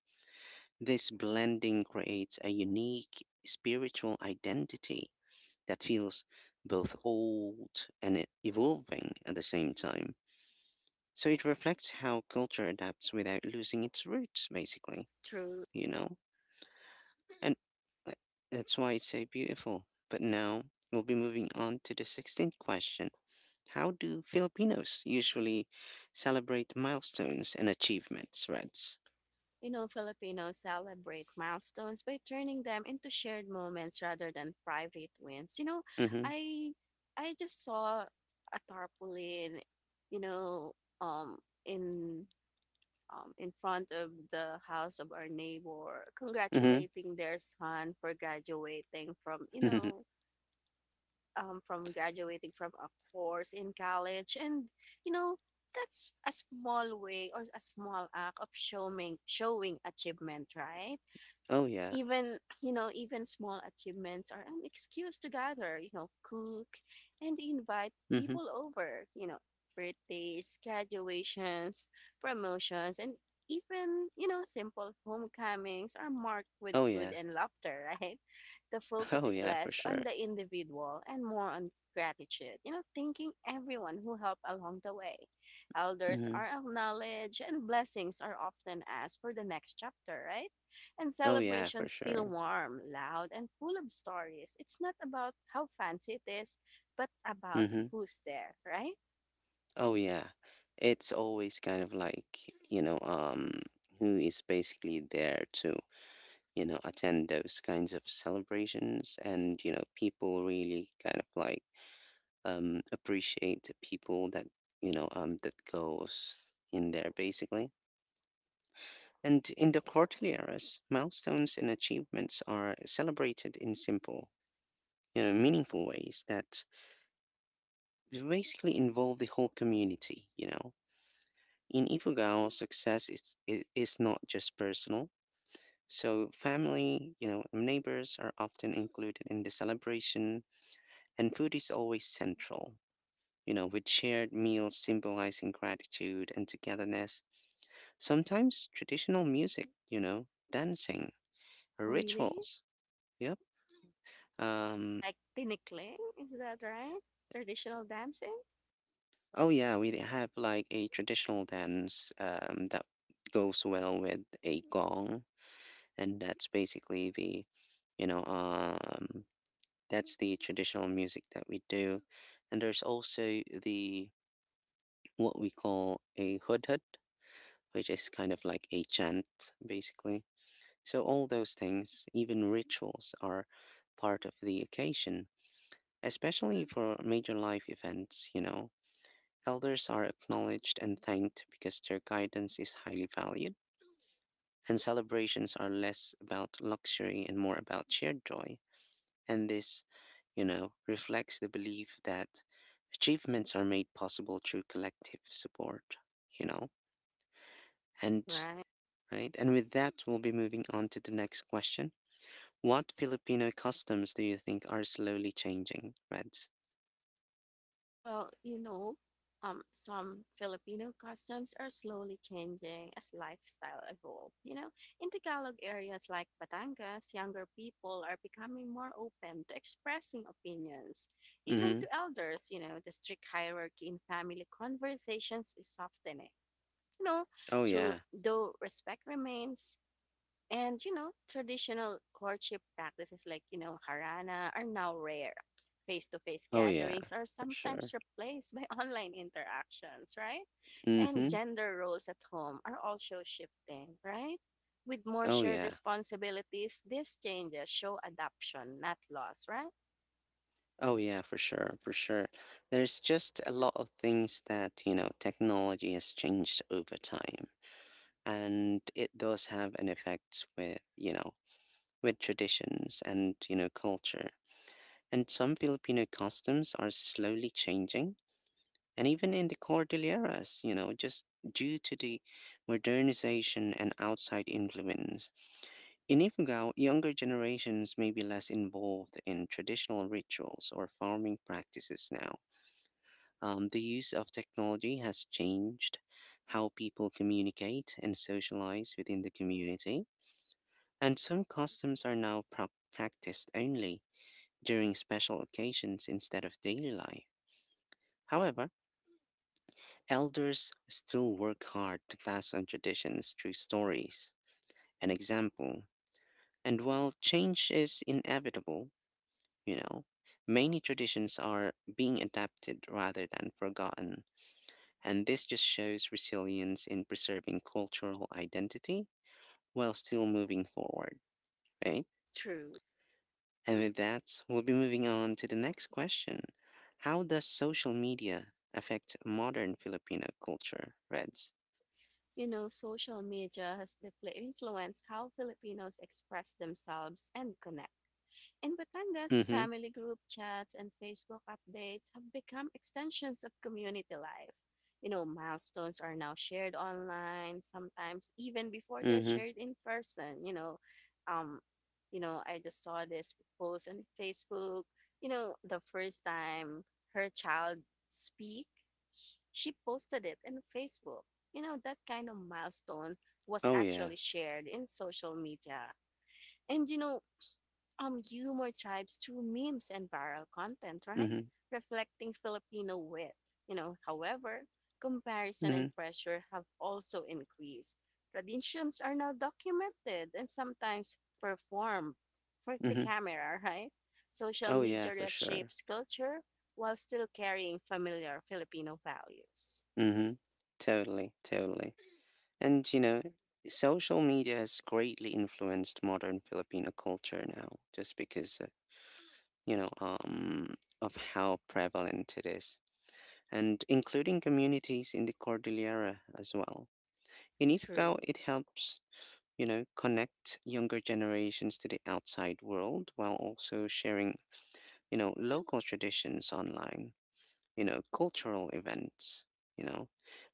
A: This blending creates a unique spiritual identity that feels both old and e- evolving at the same time. So it reflects how culture adapts without losing its roots, basically,
B: True.
A: you know? And, uh, that's why it's so beautiful. But now we'll be moving on to the sixteenth question. How do Filipinos usually celebrate milestones and achievements, Reds?
B: You know, Filipinos celebrate milestones by turning them into shared moments rather than private wins. You know,
A: Mm
B: I I just saw a tarpaulin, you know, um in um, in front of the house of our neighbor,
A: hmm. Mm
B: congratulating their son for graduating from, you
A: hmm.
B: know, um, from graduating from a course in college. And, you know, that's a small way or a small act of showing showing achievement, right?
A: oh, yeah.
B: Even you know, even small achievements are an excuse to gather, you know, cook and invite
A: Mm hmm.
B: people over, you know, birthdays, graduations, promotions, and even you know, simple homecomings are marked with
A: Oh,
B: food
A: yeah.
B: and laughter right. The focus
A: Oh
B: is
A: yeah, for
B: less
A: sure.
B: on the individual and more on gratitude, you know, thanking everyone who helped along the way. Elders
A: Hmm.
B: are acknowledged and blessings are often asked for the next chapter, right? And
A: Oh yeah, for
B: celebrations feel
A: sure.
B: warm, loud, and full of stories. It's not about how fancy it is, but about
A: Hmm.
B: who's there, right?
A: Oh yeah, it's always kind of like, you know um who is basically there to, you know attend those kinds of celebrations, and, you know people really kind of like, um appreciate the people that, you know um that goes in there basically. And in the Cordilleras, milestones and achievements are celebrated in simple, you know, meaningful ways that it basically involved the whole community, you know. In Ifugao, success is, it is not just personal. So family, you know, and neighbors are often included in the celebration, and food is always central, you know, with shared meals symbolizing gratitude and togetherness. Sometimes traditional music, you know, dancing, or
B: Really?
A: rituals. Yep. Um,
B: Like tinikling? Is that right? Traditional dancing?
A: oh yeah, we have like a traditional dance, um, that goes well with a gong, and that's basically the, you know um that's the traditional music that we do. And there's also the, what we call a hudhud, which is kind of like a chant, basically. So all those things, even rituals, are part of the occasion, especially for major life events, you know elders are acknowledged and thanked because their guidance is highly valued, and celebrations are less about luxury and more about shared joy. And this, you know, reflects the belief that achievements are made possible through collective support, you know? And
B: Right?
A: right, and with that, we'll be moving on to the next question. What Filipino customs do you think are slowly changing, Reds?
B: Well, you know, um, some Filipino customs are slowly changing as lifestyle evolve. You know, in Tagalog areas like Batangas, younger people are becoming more open to expressing opinions, even
A: Mm-hmm.
B: to elders. You know, the strict hierarchy in family conversations is softening. You know,
A: Oh,
B: through
A: yeah.
B: though respect remains, and you know, traditional courtship practices like, you know, harana are now rare. Face-to-face
A: Oh, yeah,
B: gatherings are
A: for sure.
B: sometimes replaced by online interactions, right? And
A: Mm-hmm.
B: gender roles at home are also shifting, right? With more
A: Oh,
B: shared
A: yeah.
B: responsibilities, these changes show adoption, not loss, right?
A: Oh, yeah, for sure, for sure. There's just a lot of things that, you know, technology has changed over time, and it does have an effect with, you know, with traditions and, you know, culture. And some Filipino customs are slowly changing, and even in the Cordilleras, you know, just due to the modernization and outside influence. In Ifugao, younger generations may be less involved in traditional rituals or farming practices now. Um, the use of technology has changed how people communicate and socialize within the community, and some customs are now prac practiced only during special occasions instead of daily life. However, elders still work hard to pass on traditions through stories and example. And while change is inevitable, you know, many traditions are being adapted rather than forgotten. And this just shows resilience in preserving cultural identity while still moving forward, right?
B: True.
A: And with that, we'll be moving on to the next question. How does social media affect modern Filipino culture, Reds?
B: You know, social media has deeply influenced how Filipinos express themselves and connect. In Batangas,
A: Mm-hmm.
B: family group chats and Facebook updates have become extensions of community life. You know, milestones are now shared online, sometimes even before they're
A: Mm-hmm.
B: shared in person. You know, um, you know, I just saw this post on Facebook. You know, the first time her child speak, she posted it in Facebook. You know, that kind of milestone was
A: Oh yeah.
B: actually shared in social media. And you know, um humor thrives through memes and viral content, right?
A: Mm-hmm.
B: Reflecting Filipino wit. You know, however, comparison and
A: Mm-hmm.
B: pressure have also increased. Traditions are now documented and sometimes performed for the
A: Mm-hmm.
B: camera, right? Social
A: Oh yeah, for
B: media
A: sure.
B: shapes culture while still carrying familiar Filipino values.
A: Mm-hmm. Totally, totally. And you know, social media has greatly influenced modern Filipino culture now, just because uh, you know um, of how prevalent it is, and including communities in the Cordillera as well. Unifical,
B: True.
A: it helps, you know, connect younger generations to the outside world while also sharing, you know, local traditions online, you know, cultural events, you know,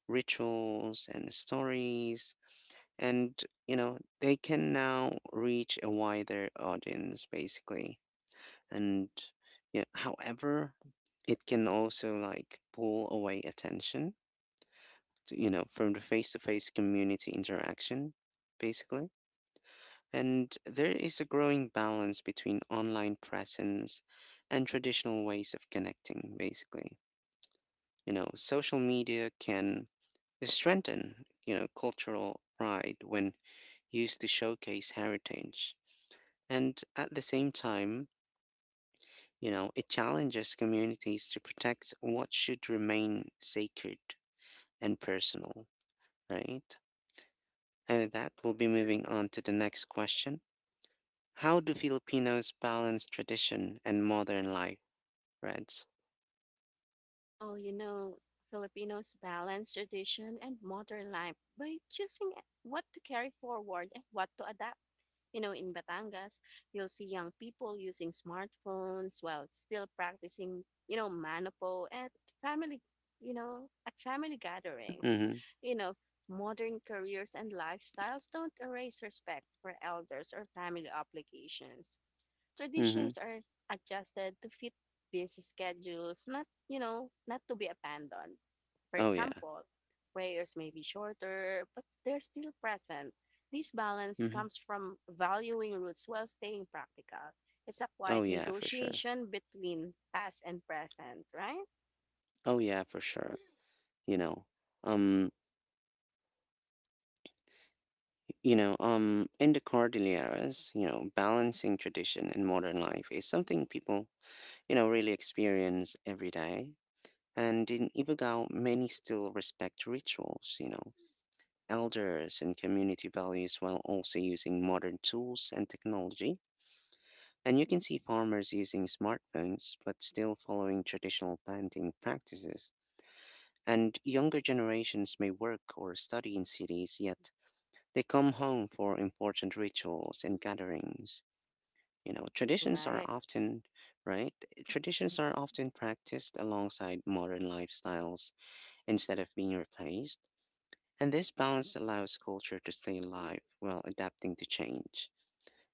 A: rituals and stories. And, you know, they can now reach a wider audience, basically. And, you know, however, it can also like pull away attention to, you know, from the face-to-face community interaction, basically. And there is a growing balance between online presence and traditional ways of connecting, basically. You know, social media can strengthen, you know, cultural pride when used to showcase heritage. And at the same time, you know, it challenges communities to protect what should remain sacred and personal, right? And with that, we'll be moving on to the next question. How do Filipinos balance tradition and modern life, right?
B: Well, you know, Filipinos balance tradition and modern life by choosing what to carry forward and what to adapt. You know, in Batangas, you'll see young people using smartphones while still practicing, you know, manopo at family, you know, at family gatherings.
A: Mhm.
B: You know, modern careers and lifestyles don't erase respect for elders or family obligations.
A: Mhm.
B: Traditions are adjusted to fit busy schedules, not, you know, not to be abandoned. For
A: Oh yeah.
B: example, prayers may be shorter, but they're still present. This balance
A: Mhm.
B: comes from valuing roots while staying practical. It's a
A: Oh
B: quiet
A: yeah, for sure.
B: negotiation between past and present, right?
A: Oh yeah, for sure. You know, um, you know, um, in the Cordilleras, you know, balancing tradition and modern life is something people, you know, really experience every day. And in Ifugao, many still respect rituals, you know, elders and community values while also using modern tools and technology. And you can see farmers using smartphones but still following traditional planting practices. And younger generations may work or study in cities, yet they come home for important rituals and gatherings. You know, traditions are
B: Right.
A: often, right? Traditions are often practiced alongside modern lifestyles instead of being replaced. And this balance allows culture to stay alive while adapting to change.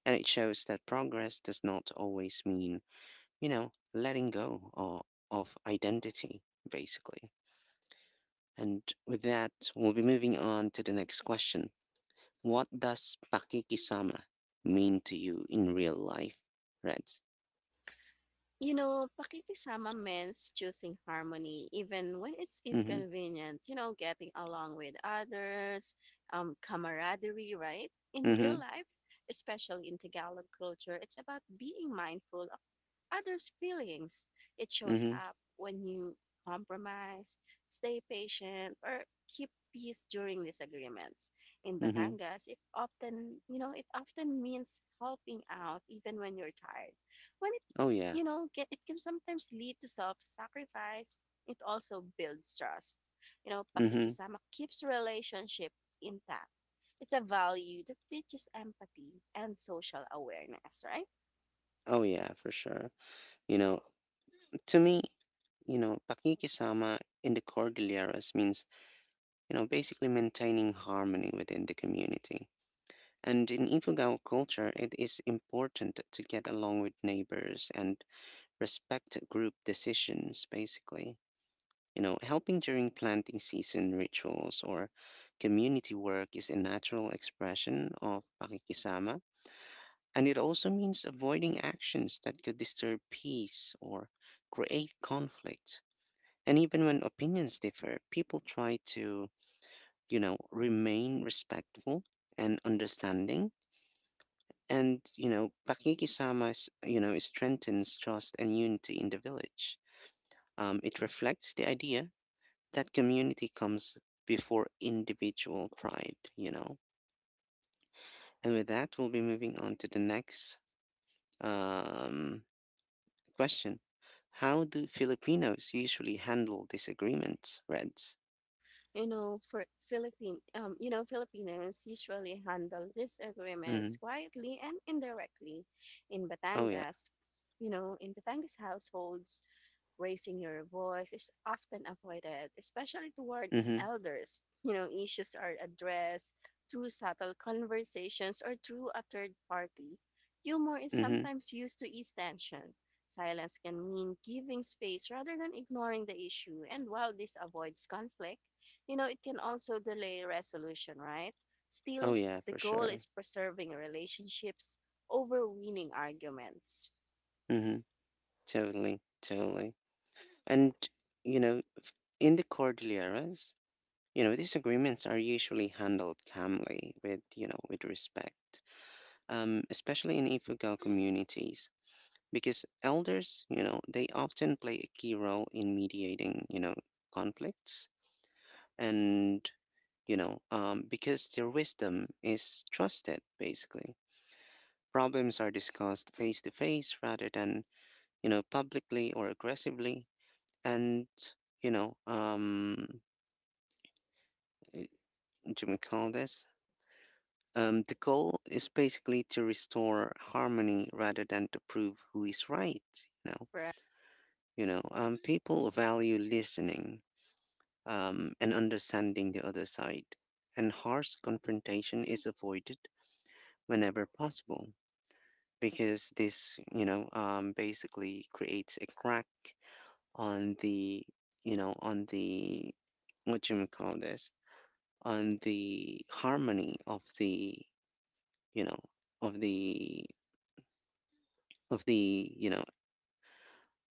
A: And it shows that progress does not always mean, you know, letting go of, of identity, basically. And with that, we'll be moving on to the next question. What does pakikisama mean to you in real life, Reds?
B: You know, pakikisama means choosing harmony even when it's
A: Mm-hmm.
B: inconvenient, you know, getting along with others, um, camaraderie, right? In
A: Mm-hmm.
B: real life, especially in Tagalog culture, it's about being mindful others' feelings. It shows
A: Mm-hmm.
B: up when you compromise, stay patient, or keep peace during disagreements. In
A: Mm-hmm.
B: Batangas, it often, you know, it often means helping out even when you're tired. When it,
A: Oh yeah.
B: you know, get, it can sometimes lead to self-sacrifice. It also builds trust. You know,
A: Mm-hmm.
B: pakikisama keeps relationship intact. It's a value that teaches empathy and social awareness, right?
A: Oh yeah, for sure. You know, to me, you know, pakikisama in the Cordilleras means, you know, basically maintaining harmony within the community. And in Ifugao culture, it is important to get along with neighbors and respect group decisions, basically. You know, helping during planting season rituals or community work is a natural expression of pakikisama. And it also means avoiding actions that could disturb peace or create conflict. And even when opinions differ, people try to, you know, remain respectful and understanding. And, you know, pakikisama, s- you know, strengthens trust and unity in the village. Um, it reflects the idea that community comes before individual pride, you know. And with that, we'll be moving on to the next um, question. How do Filipinos usually handle disagreements, Reds?
B: You know, for Philippine, um, you know, Filipinos usually handle
A: Mm-hmm.
B: disagreements quietly and indirectly. In
A: Oh, yeah.
B: Batangas, you know, in Batangas households, raising your voice is often avoided, especially toward
A: Mm-hmm.
B: elders. You know, issues are addressed through subtle conversations or through a third party. Humor is
A: Mm-hmm.
B: sometimes used to ease tension. Silence can mean giving space rather than ignoring the issue, and while this avoids conflict, you know, it can also delay resolution, right?
A: Oh,
B: Still,
A: yeah,
B: the
A: for
B: goal
A: sure.
B: is preserving relationships over winning arguments.
A: Mm-hmm. Totally. Totally. And, you know, in the Cordilleras, you know, these agreements are usually handled calmly with, you know, with respect, um, especially in Ifugal communities, because elders, you know, they often play a key role in mediating, you know, conflicts. And, you know, um, because their wisdom is trusted, basically. Problems are discussed face to face rather than, you know, publicly or aggressively. And, you know, um, eh, what do we call this? Um, the goal is basically to restore harmony rather than to prove who is right. You know,
B: For a
A: you know, um, people value listening, um, and understanding the other side, and harsh confrontation is avoided whenever possible, because this, you know, um, basically creates a crack on the, you know, on the, what you may call this, on the harmony of the, you know, of the, of the you know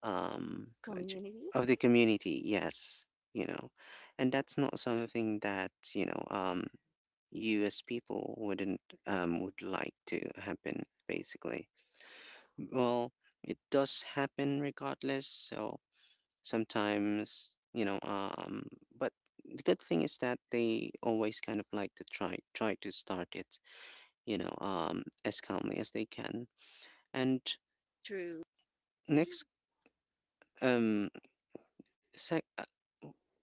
A: um what
B: community,
A: of the community. Yes, you know. And that's not something that, you know, um you as people wouldn't, um would like to happen, basically. Well, it does happen regardless, so sometimes, you know, um but the good thing is that they always kind of like to try try to start it, you know, um as calmly as they can. And
B: through,
A: next, um sec- uh,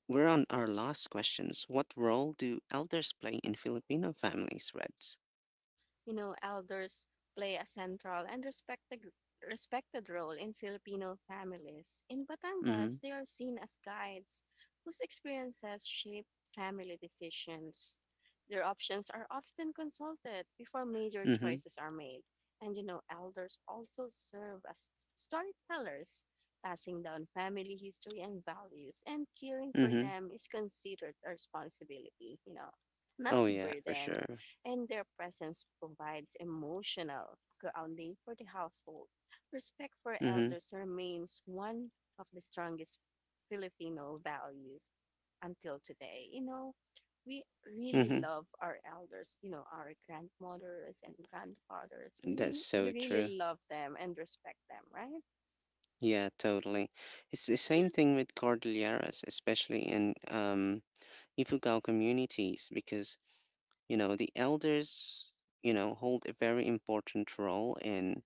A: we're on our last questions. What role do elders play in Filipino families, Reds?
B: you know, elders play a central and respected respected role in Filipino families. In
A: Mm-hmm.
B: Batangas, they are seen as guides whose experiences shape family decisions. Their options are often consulted before major
A: Mm-hmm.
B: choices are made. And you know, elders also serve as storytellers, passing down family history and values, and caring for
A: Mm-hmm.
B: them is considered a responsibility, you know, not
A: Oh
B: a
A: yeah, for
B: burden,
A: sure.
B: and their presence provides emotional grounding for the household. Respect for
A: Mm-hmm.
B: elders remains one of the strongest Filipino values until today. You know, we really
A: Mm-hmm.
B: love our elders, you know, our grandmothers and grandfathers. We
A: That's
B: really, we
A: so true.
B: really love them and respect them, right?
A: Yeah, totally. It's the same thing with Cordilleras, especially in um Ifugao communities, because you know the elders, you know, hold a very important role in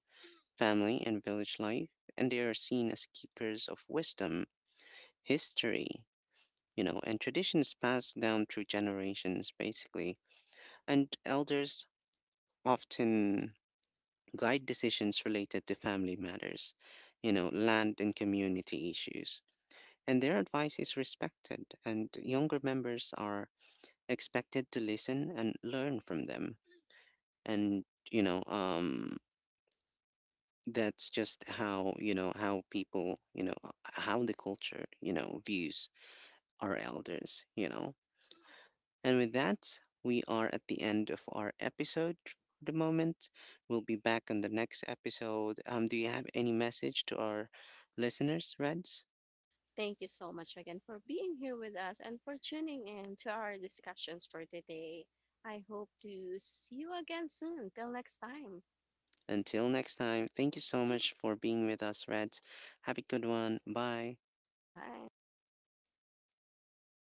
A: family and village life, and they are seen as keepers of wisdom, history, you know, and traditions passed down through generations, basically. And elders often guide decisions related to family matters, you know, land and community issues. And their advice is respected, and younger members are expected to listen and learn from them. And, you know, um, that's just how, you know, how people, you know, how the culture, you know, views our elders, you know. And with that, we are at the end of our episode for the moment. We'll be back on the next episode. Um, do you have any message to our listeners, Reds?
B: Thank you so much again for being here with us and for tuning in to our discussions for today. I hope to see you again soon. Till next time.
A: Until next time, thank you so much for being with us, Reds. Have a good one. Bye.
B: Bye.